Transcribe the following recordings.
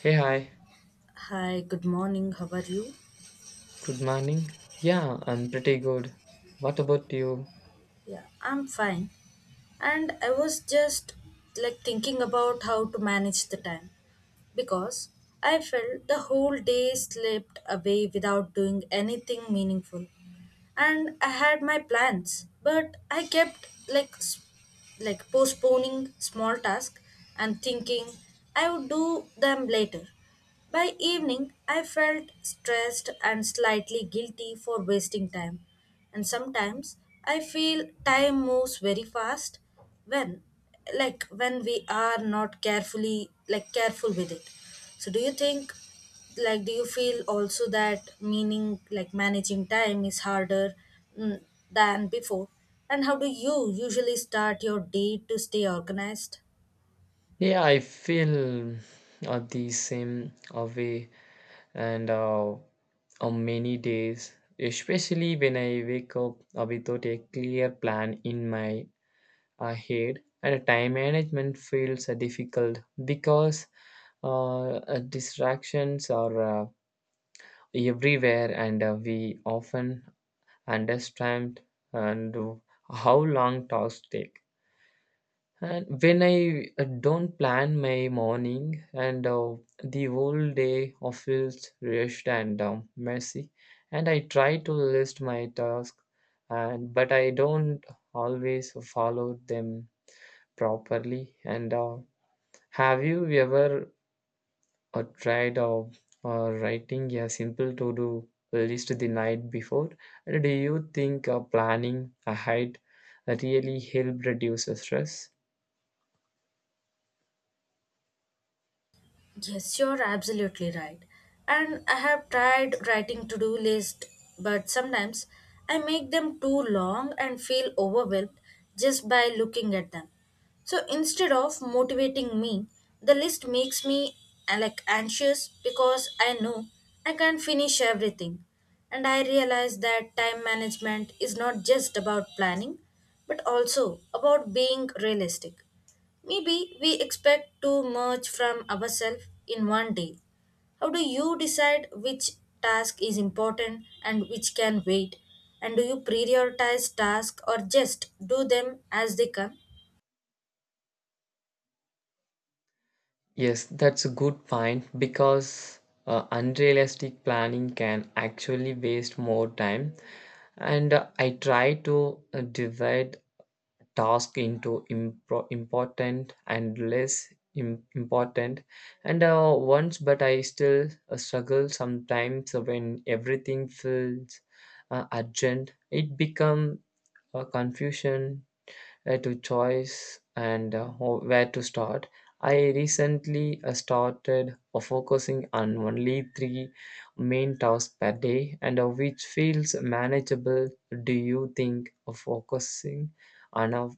Hey, hi. Hi, good morning. How are you? Good morning. Yeah, I'm pretty good. What about you? Yeah, I'm fine. And I was just like thinking about how to manage the time because I felt the whole day slipped away without doing anything meaningful. And I had my plans, but I kept like s- like postponing small tasks and thinking I would do them later. By evening, I felt stressed and slightly guilty for wasting time. And sometimes I feel time moves very fast when when we are not careful with it. So do you think do you feel also that meaning like managing time is harder mm, than before? And how do you usually start your day to stay organized? Yeah, I feel the same way and on many days, especially when I wake up without a clear plan in my head. And time management feels difficult because distractions are everywhere, and we often understand and how long tasks take. And when I don't plan my morning and the whole day I feels rushed and messy, and I try to list my tasks, and but I don't always follow them properly. And have you ever or tried of or writing a simple to do list the night before? And do you think planning ahead really help reduce the stress? Yes, you're absolutely right. And I have tried writing to-do list, but sometimes I make them too long and feel overwhelmed just by looking at them. So instead of motivating me, the list makes me like anxious because I know I can't finish everything. And I realize that time management is not just about planning, but also about being realistic. Maybe we expect too much from ourselves in one day. How do you decide which task is important and which can wait? And do you prioritize tasks or just do them as they come? Yes, that's a good point because unrealistic planning can actually waste more time. And I try to divide task into important and less important and once but I still struggle sometimes when everything feels urgent. It become a confusion to choice and where to start. I recently started focusing on only three main tasks per day and which feels manageable. Do you think of focusing on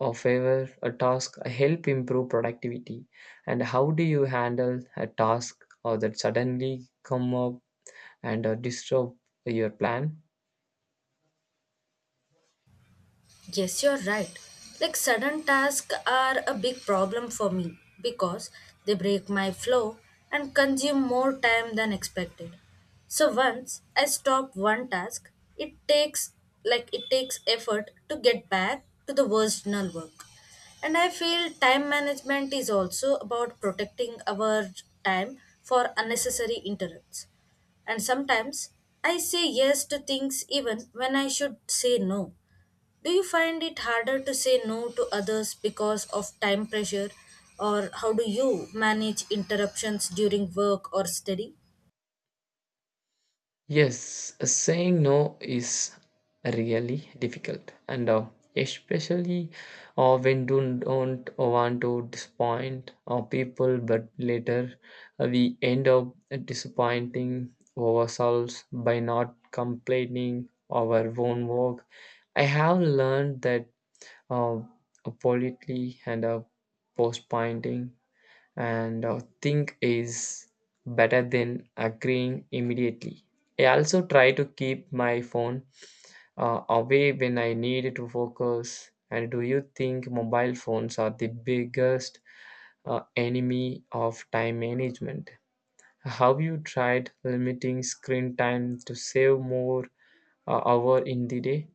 a favor a task help improve productivity? And how do you handle a task or that suddenly come up and disrupt your plan? Yes, you're right. Like sudden tasks are a big problem for me because they break my flow and consume more time than expected. So once I stop one task, it takes it takes effort to get back to the original work. And I feel time management is also about protecting our time for unnecessary interrupts. And sometimes I say yes to things even when I should say no. Do you find it harder to say no to others because of time pressure, or how do you manage interruptions during work or study? Yes, saying no is really difficult, and especially when do don't want to disappoint people, but later we end up disappointing ourselves by not completing our own work. I have learned that uh, politely and postponing and think is better than agreeing immediately. I also try to keep my phone away when I need to focus. And do you think mobile phones are the biggest enemy of time management? Have you tried limiting screen time to save more hour in the day?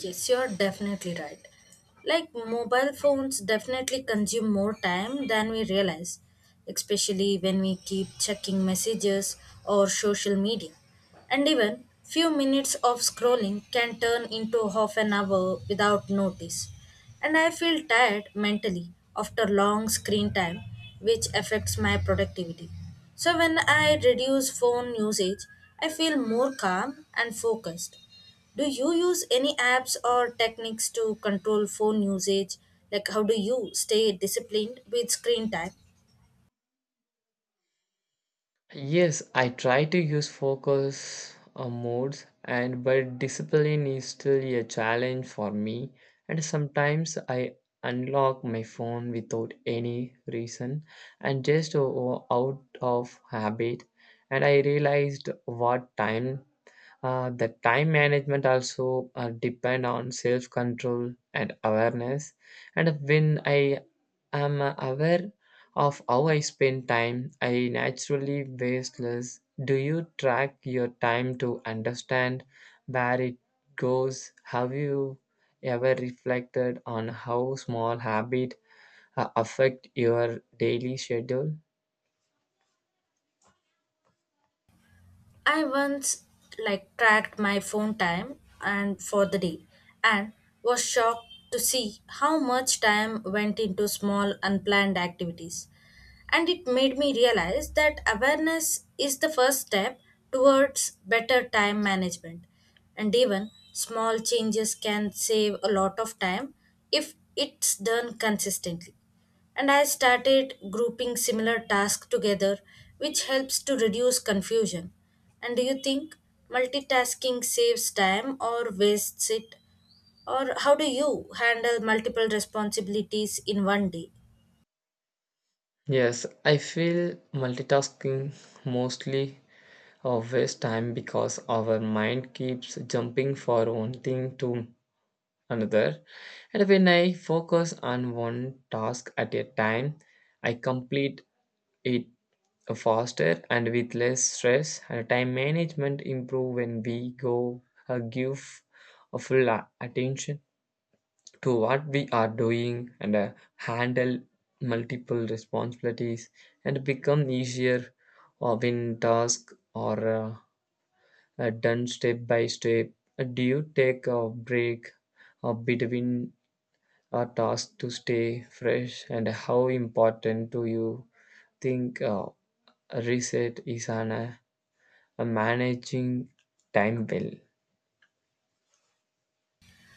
Yes, you're definitely right. Like mobile phones definitely consume more time than we realize, especially when we keep checking messages or social media. And even few minutes of scrolling can turn into half an hour without notice. And I feel tired mentally after long screen time, which affects my productivity. So when I reduce phone usage, I feel more calm and focused. Do you use any apps or techniques to control phone usage? Like, how do you stay disciplined with screen time? Yes, I try to use focus modes, and but discipline is still a challenge for me, and sometimes I unlock my phone without any reason and just out of habit, and I realized what time the time management also depend on self control and awareness. And when I am aware of how I spend time, I naturally waste less. Do you track your time to understand where it goes? Have you ever reflected on how small habit affect your daily schedule? I once like tracked my phone time and for the day and was shocked to see how much time went into small unplanned activities. And it made me realize that awareness is the first step towards better time management. And even small changes can save a lot of time if it's done consistently. And I started grouping similar tasks together, which helps to reduce confusion. And do you think multitasking saves time or wastes it? Or how do you handle multiple responsibilities in one day? Yes, I feel multitasking mostly of waste time because our mind keeps jumping from one thing to another. And when I focus on one task at a time, I complete it faster and with less stress. And time management improve when we go give a full attention to what we are doing, and handle multiple responsibilities and become easier when tasks are done step by step? Do you take a break between a task to stay fresh? And how important do you think a reset is on managing time well?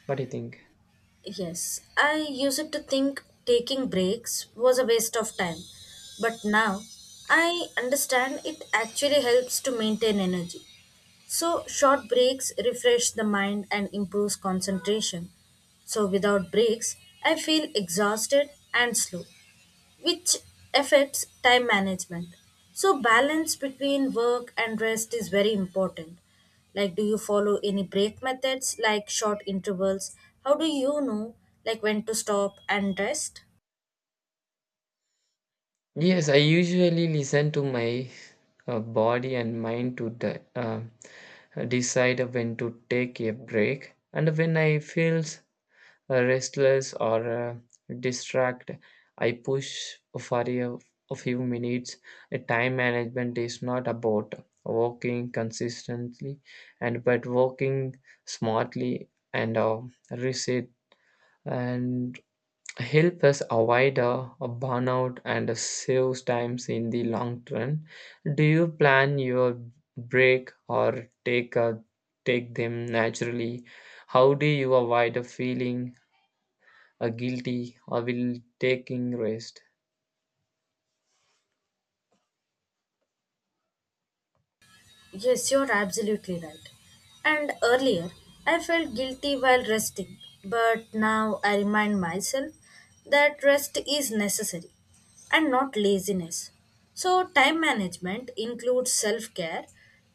What do you think? Yes, I used to think taking breaks was a waste of time, but now I understand it actually helps to maintain energy. So, short breaks refresh the mind and improves concentration. So, without breaks, I feel exhausted and slow which affects time management. So, balance between work and rest is very important. Like, do you follow any break methods like short intervals? How do you know, like, when to stop and rest? Yes, I usually listen to my body and mind to decide when to take a break, and when I feel restless or distracted, I push for a few minutes. Time management is not about working consistently, and but working smartly, and reset and help us avoid a burnout, and saves times in the long run. Do you plan your break or take them naturally? How do you avoid a feeling guilty or will taking rest? Yes, you're absolutely right. And earlier, I felt guilty while resting, but now I remind myself that rest is necessary and not laziness. So, time management includes self care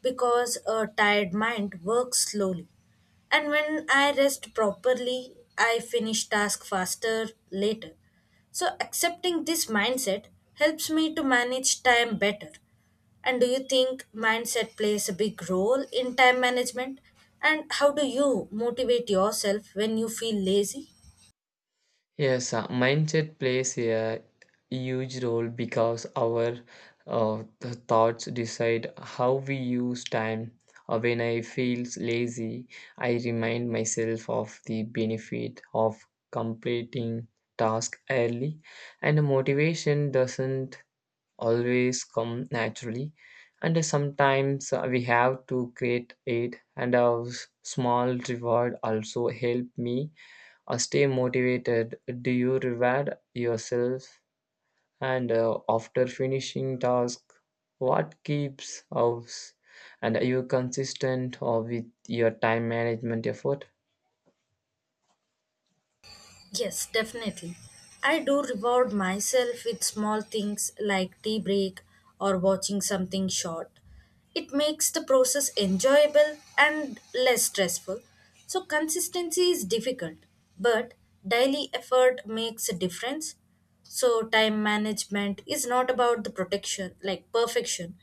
because a tired mind works slowly. And when I rest properly, I finish tasks faster later. So, accepting this mindset helps me to manage time better. And do you think mindset plays a big role in time management? And how do you motivate yourself when you feel lazy? Yes, mindset plays a huge role because our thoughts decide how we use time. Or when I feel lazy, I remind myself of the benefit of completing task early, and motivation doesn't always come naturally, and sometimes we have to create it, and a small reward also help me stay motivated. Do you reward yourself and after finishing task? What keeps us, and are you consistent or with your time management effort? Yes, definitely. I do reward myself with small things like tea break or watching something short. It makes the process enjoyable and less stressful. So, consistency is difficult, but daily effort makes a difference. So time management is not about the protection like perfection,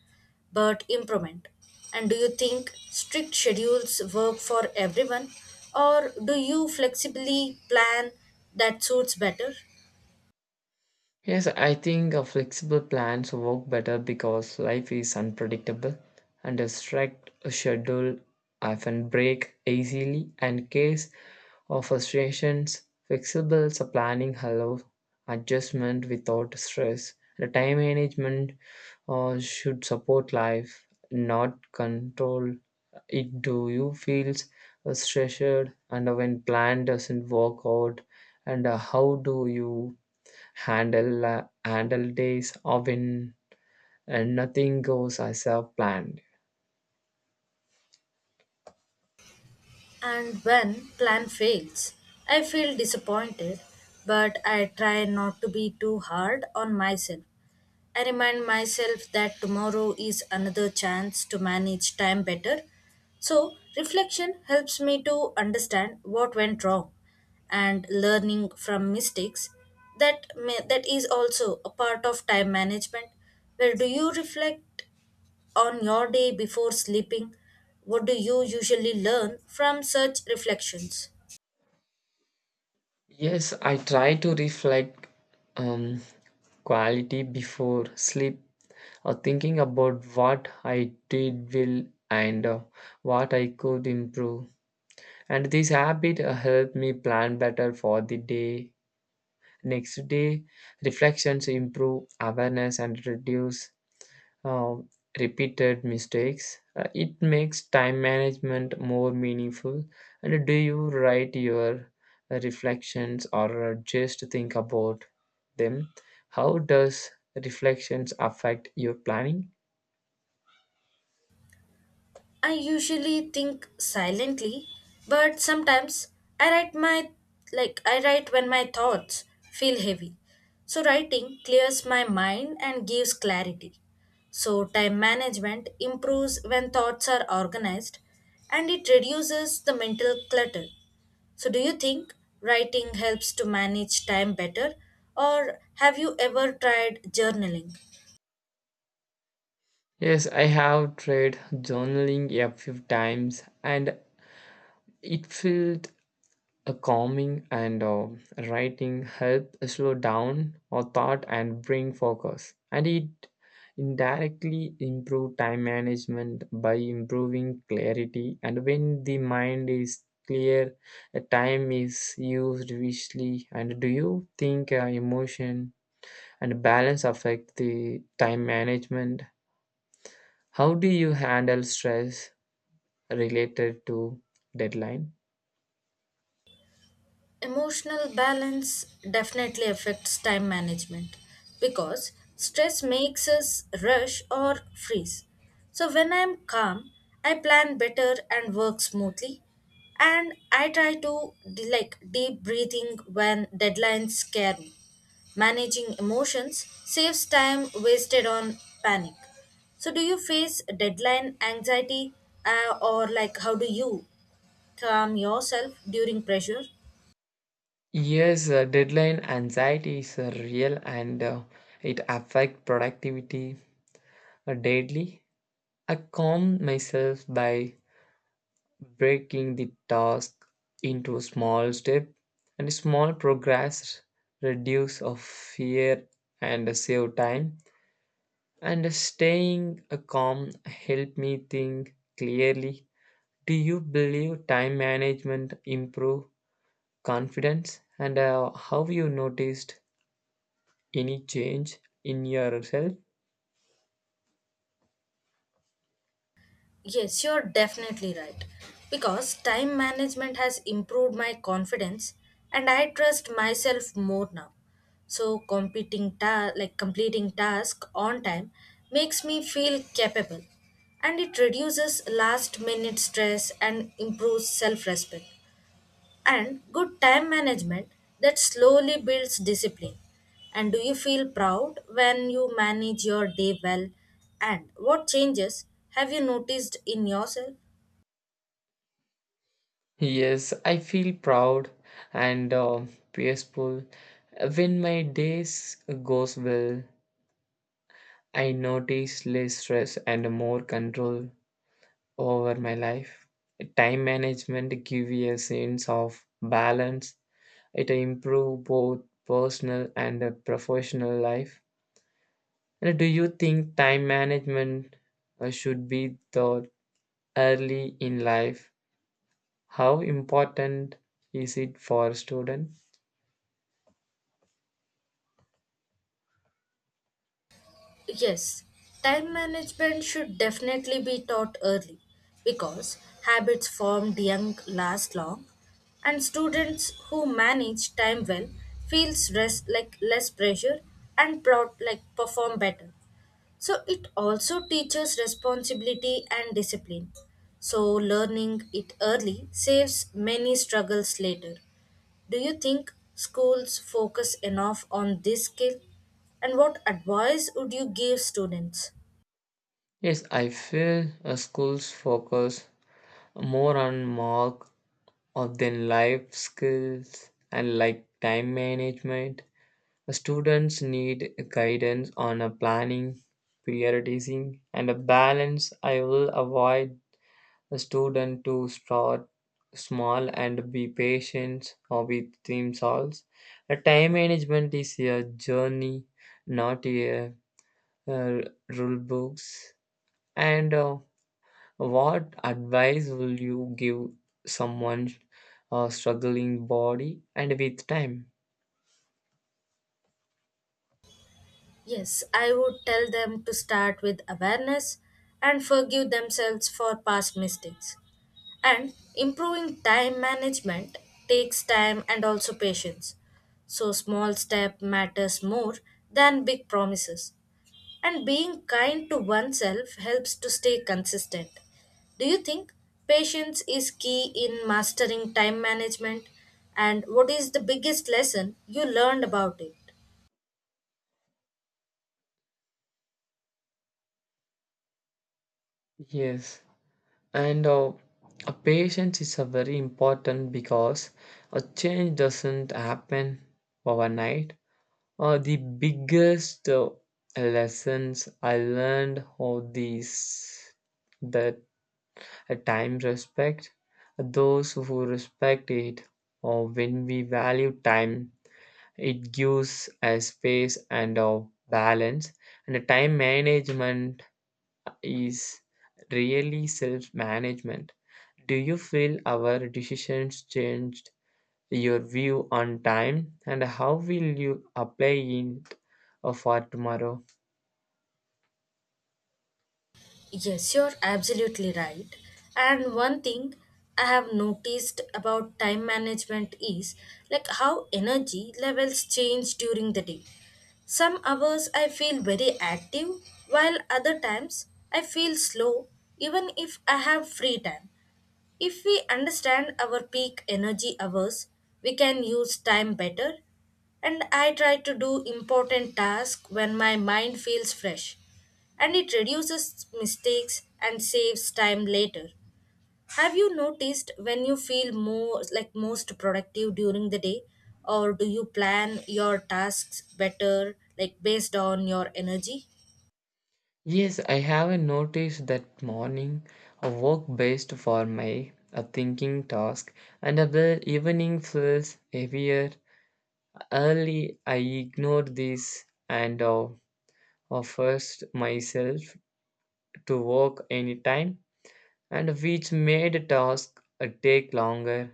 but improvement. And do you think strict schedules work for everyone, or do you flexibly plan that suits better? Yes, I think flexible plans work better because life is unpredictable, and a strict schedule often break easily and case of frustrations. Flexible planning allows adjustment without stress. The time management should support life, not control it. Do you feel stressed and when plan doesn't work out, and how do you handle days or when nothing goes as I planned? And when plan fails, I feel disappointed, but I try not to be too hard on myself. I remind myself that tomorrow is another chance to manage time better. So, reflection helps me to understand what went wrong and learning from mistakes that is also a part of time management. Well, do you reflect on your day before sleeping, what do you usually learn from such reflections? Yes, I try to reflect um, quality before sleep or thinking about what I did well and what I could improve. And this habit helped me plan better for the day. Next day, reflections improve awareness and reduce um, repeated mistakes. It makes time management more meaningful. And do you write your reflections or just think about them? How does reflections affect your planning? I usually think silently, but sometimes I write my I write when my thoughts feel heavy. So writing clears my mind and gives clarity. So time management improves when thoughts are organized and it reduces the mental clutter. So, do you think writing helps to manage time better, or have you ever tried journaling? Yes, I have tried journaling a few times, and it felt a calming and writing help slow down our thought and bring focus. And it indirectly improve time management by improving clarity. And when the mind is clear, the time is used wisely. And do you think emotion and balance affect the time management? How do you handle stress related to deadline? Emotional balance definitely affects time management because stress makes us rush or freeze. So, when I am calm, I plan better and work smoothly. And I try to deep breathing when deadlines scare me. Managing emotions saves time wasted on panic. So, do you face deadline anxiety or like how do you calm yourself during pressure? Yes, deadline anxiety is real, and it affects productivity daily. I calm myself by breaking the task into a small step, and small progress reduce of fear and save time, and staying calm help me think clearly. Do you believe time management improve confidence, and how you noticed any change in yourself? Yes, you're definitely right. Because time management has improved my confidence and I trust myself more now. So competing ta- like completing task on time makes me feel capable and it reduces last minute stress and improves self-respect and good time management that slowly builds discipline. And do you feel proud when you manage your day well? And what changes have you noticed in yourself? Yes, I feel proud and peaceful when my days goes well. I notice less stress and more control over my life. Time management gives a sense of balance. It improves both personal and professional life. And do you think time management should be taught early in life? How important is it for students? Yes, time management should definitely be taught early because habits formed young last long and students who manage time well feel less pressure and proud like perform better. So it also teaches responsibility and discipline. So learning it early saves many struggles later. Do you think schools focus enough on this skill? And what advice would you give students? Yes, I feel schools focus more on mark of their life skills and like time management. The students need guidance on a planning, prioritizing, and a balance. I will avoid a student to start small and be patient or with team solves. A time management is a journey, not a uh, rule books, and what advice will you give someone struggling body and with time? Yes, I would tell them to start with awareness and forgive themselves for past mistakes. And improving time management takes time and also patience. So small step matters more than big promises. And being kind to oneself helps to stay consistent. Do you think patience is key in mastering time management? And what is the biggest lesson you learned about it? Yes, and a patience is a very important because a change doesn't happen overnight. The biggest lessons I learned all these, that time respects those who respect it, or when we value time, it gives us space and a balance. And the time management is really self management. Do you feel our decisions changed your view on time, and how will you apply it for tomorrow? Yes, you're absolutely right. And one thing I have noticed about time management is like how energy levels change during the day. Some hours I feel very active, while other times I feel slow, even if I have free time. If we understand our peak energy hours, we can use time better. And I try to do important tasks when my mind feels fresh. And it reduces mistakes and saves time later. Have you noticed when you feel more like most productive during the day or do you plan your tasks better like based on your energy? Yes, I haven't noticed that morning a work best for my a thinking task, and the evening feels heavier. Early, I ignore this and forced myself to work anytime, and which made a task take longer.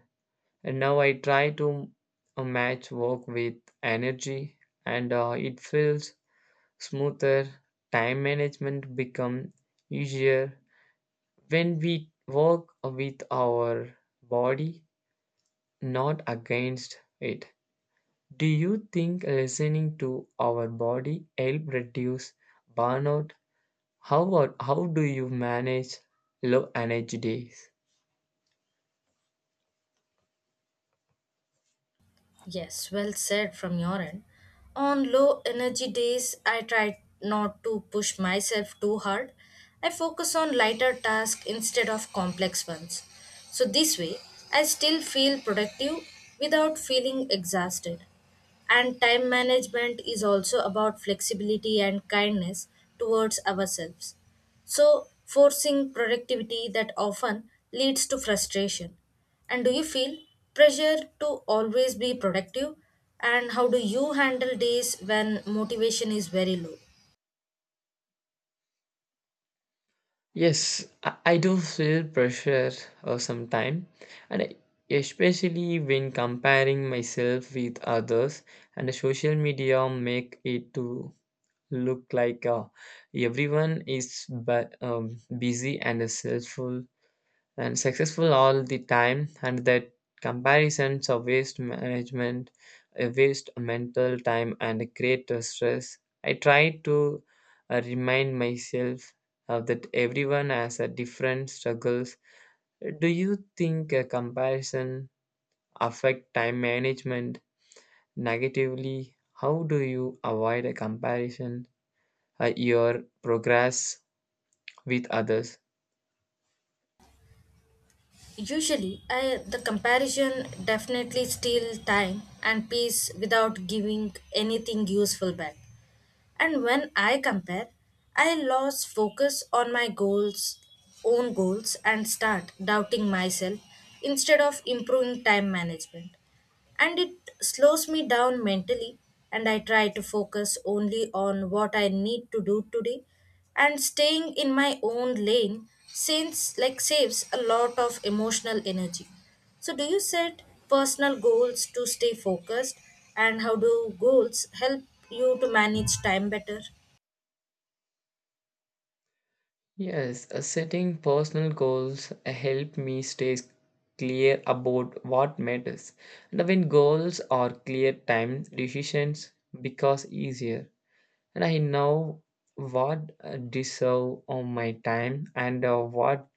And now I try to match work with energy, and it feels smoother. Time management become easier when we work with our body, not against it. Do you think listening to our body help reduce burnout? How about, how do you manage low energy days? Yes, well said from your end. On low energy days, I try not to push myself too hard. I focus on lighter tasks instead of complex ones. So, this way, I still feel productive without feeling exhausted. And time management is also about flexibility and kindness towards ourselves. So, forcing productivity that often leads to frustration. And do you feel pressure to always be productive? And how do you handle days when motivation is very low? Yes, I do feel pressure sometimes, and especially when comparing myself with others, and the social media make it to look like everyone is busy and is successful and successful all the time, and that comparisons of waste management waste mental time and create a stress. I try to remind myself that everyone has a different struggles. Do you think a comparison affect time management negatively? How do you avoid a comparison your progress with others? Usually, I the comparison definitely steal time and peace without giving anything useful back. And when I compare, I lose focus on own goals, and start doubting myself instead of improving time management and it slows me down mentally and I try to focus only on what I need to do today and staying in my own lane since like saves a lot of emotional energy. So do you set personal goals to stay focused? And how do goals help you to manage time better? Yes, setting personal goals help me stay clear about what matters. And when goals are clear, time decisions becomes easier. And I know what deserve of my time and what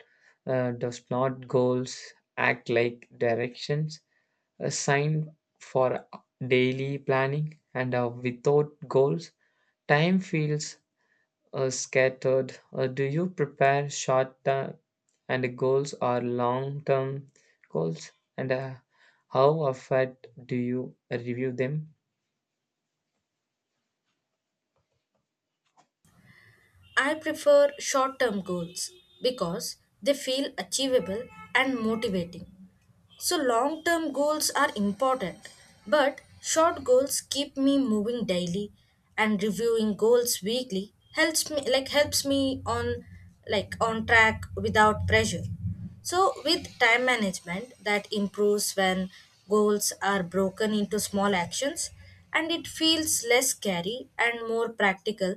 does not. Goals act like directions, a sign for daily planning. And without goals, time feels scattered. Do you prepare short term and goals or long term goals? And how often do you review them? I prefer short term goals because they feel achievable and motivating. So, long term goals are important, but short goals keep me moving daily and reviewing goals weekly helps me on track without pressure. So, with time management that improves when goals are broken into small actions and it feels less scary and more practical.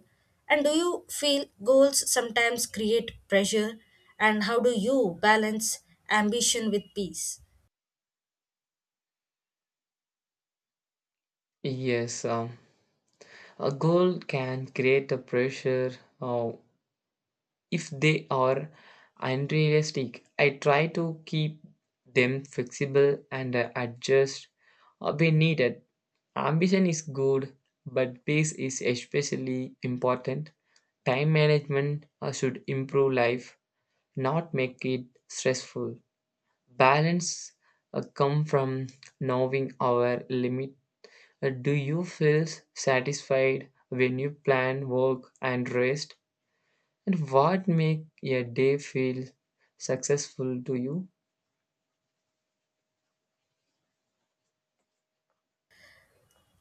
And do you feel goals sometimes create pressure and how do you balance ambition with peace? Yes, a goal can create a pressure uh, if they are unrealistic. I try to keep them flexible and adjust when needed. Ambition is good, but pace is especially important. Time management should improve life, not make it stressful. Balance come from knowing our limit. Do you feel satisfied when you plan work and rest? And what make a day feel successful to you?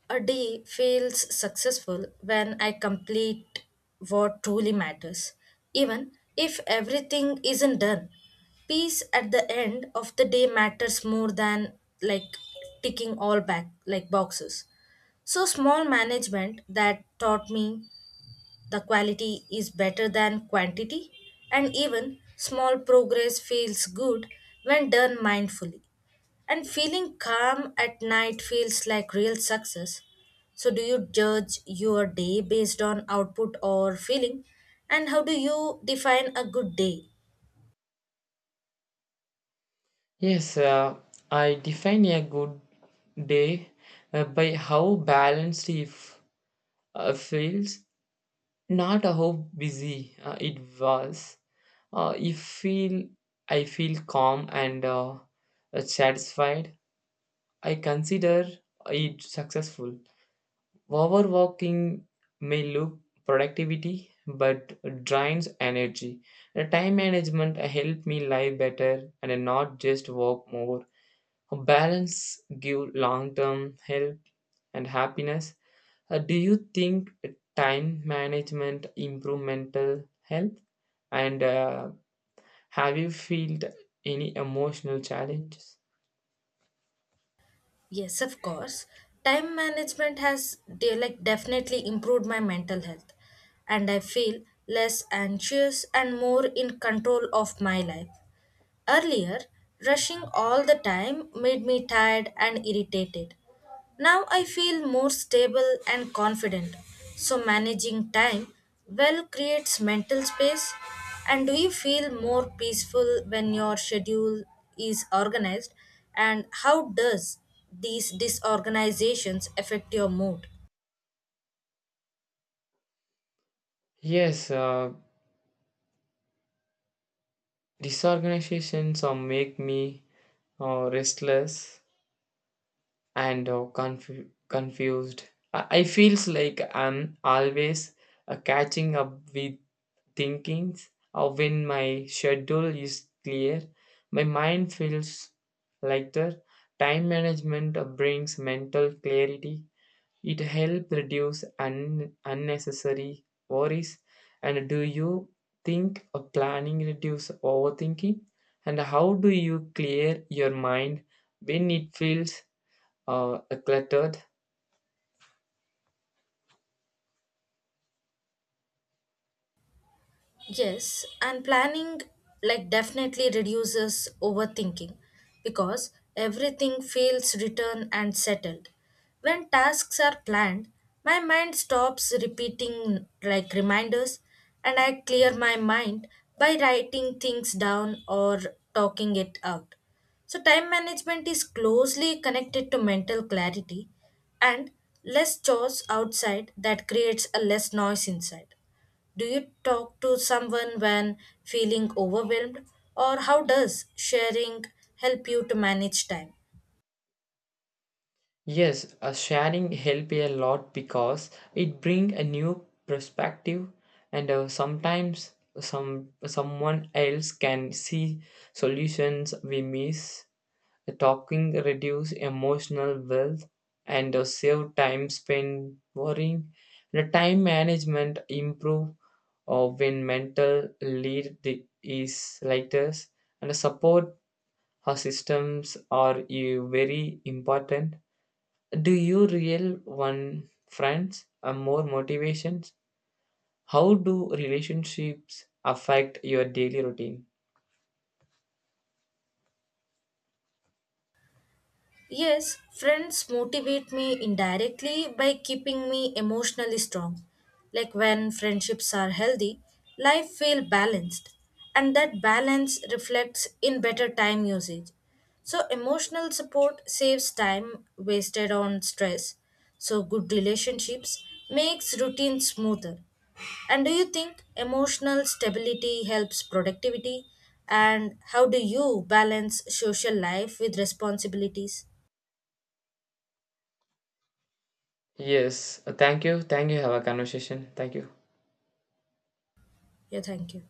A day feels successful when I complete what truly matters, even if everything isn't done. Peace at the end of the day matters more than like ticking all back like boxes. So small management that taught me the quality is better than quantity, and even small progress feels good when done mindfully. And feeling calm at night feels like real success. So, do you judge your day based on output or feeling? And how do you define a good day? Yes, I define a good day by how balanced it feels, not how busy it was. If feel I feel calm and satisfied, I consider it successful. Overworking may look productivity but drains energy. The time management help me live better and not just work more. A balance give long-term health and happiness. Do you think time management improve mental health? And have you felt any emotional challenges? Yes, of course. Time management has definitely improved my mental health, and I feel less anxious and more in control of my life. Earlier, rushing all the time made me tired and irritated. Now I feel more stable and confident. So, managing time well creates mental space. And do you feel more peaceful when your schedule is organized? And how does these disorganizations affect your mood? Yes, disorganizations or make me restless and confused. I feels like I'm always catching up with thinkings. Or when my schedule is clear, my mind feels lighter. Time management brings mental clarity. It helps reduce unnecessary worries. And do you think planning reduce overthinking? And how do you clear your mind when it feels uh, cluttered? Yes, and planning like definitely reduces overthinking because everything feels written and settled. When tasks are planned, my mind stops repeating like reminders and I clear my mind by writing things down or talking it out. So, time management is closely connected to mental clarity and less chores outside that creates a less noise inside. Do you talk to someone when feeling overwhelmed, or how does sharing help you to manage time? Yes, sharing help a lot because it bring a new perspective, and sometimes someone else can see solutions we miss. Talking reduce emotional wealth and save time spent worrying. The time management improve when mental lead the, is like this and support our systems are you very important. Do you real one friends or more motivations? How do relationships affect your daily routine? Yes, friends motivate me indirectly by keeping me emotionally strong. Like when friendships are healthy, life feels balanced, and that balance reflects in better time usage. So, emotional support saves time wasted on stress. So, good relationships makes routine smoother. And do you think emotional stability helps productivity? And how do you balance social life with responsibilities? Yes. Thank you. Thank you. Have a conversation. Thank you. Yeah, thank you.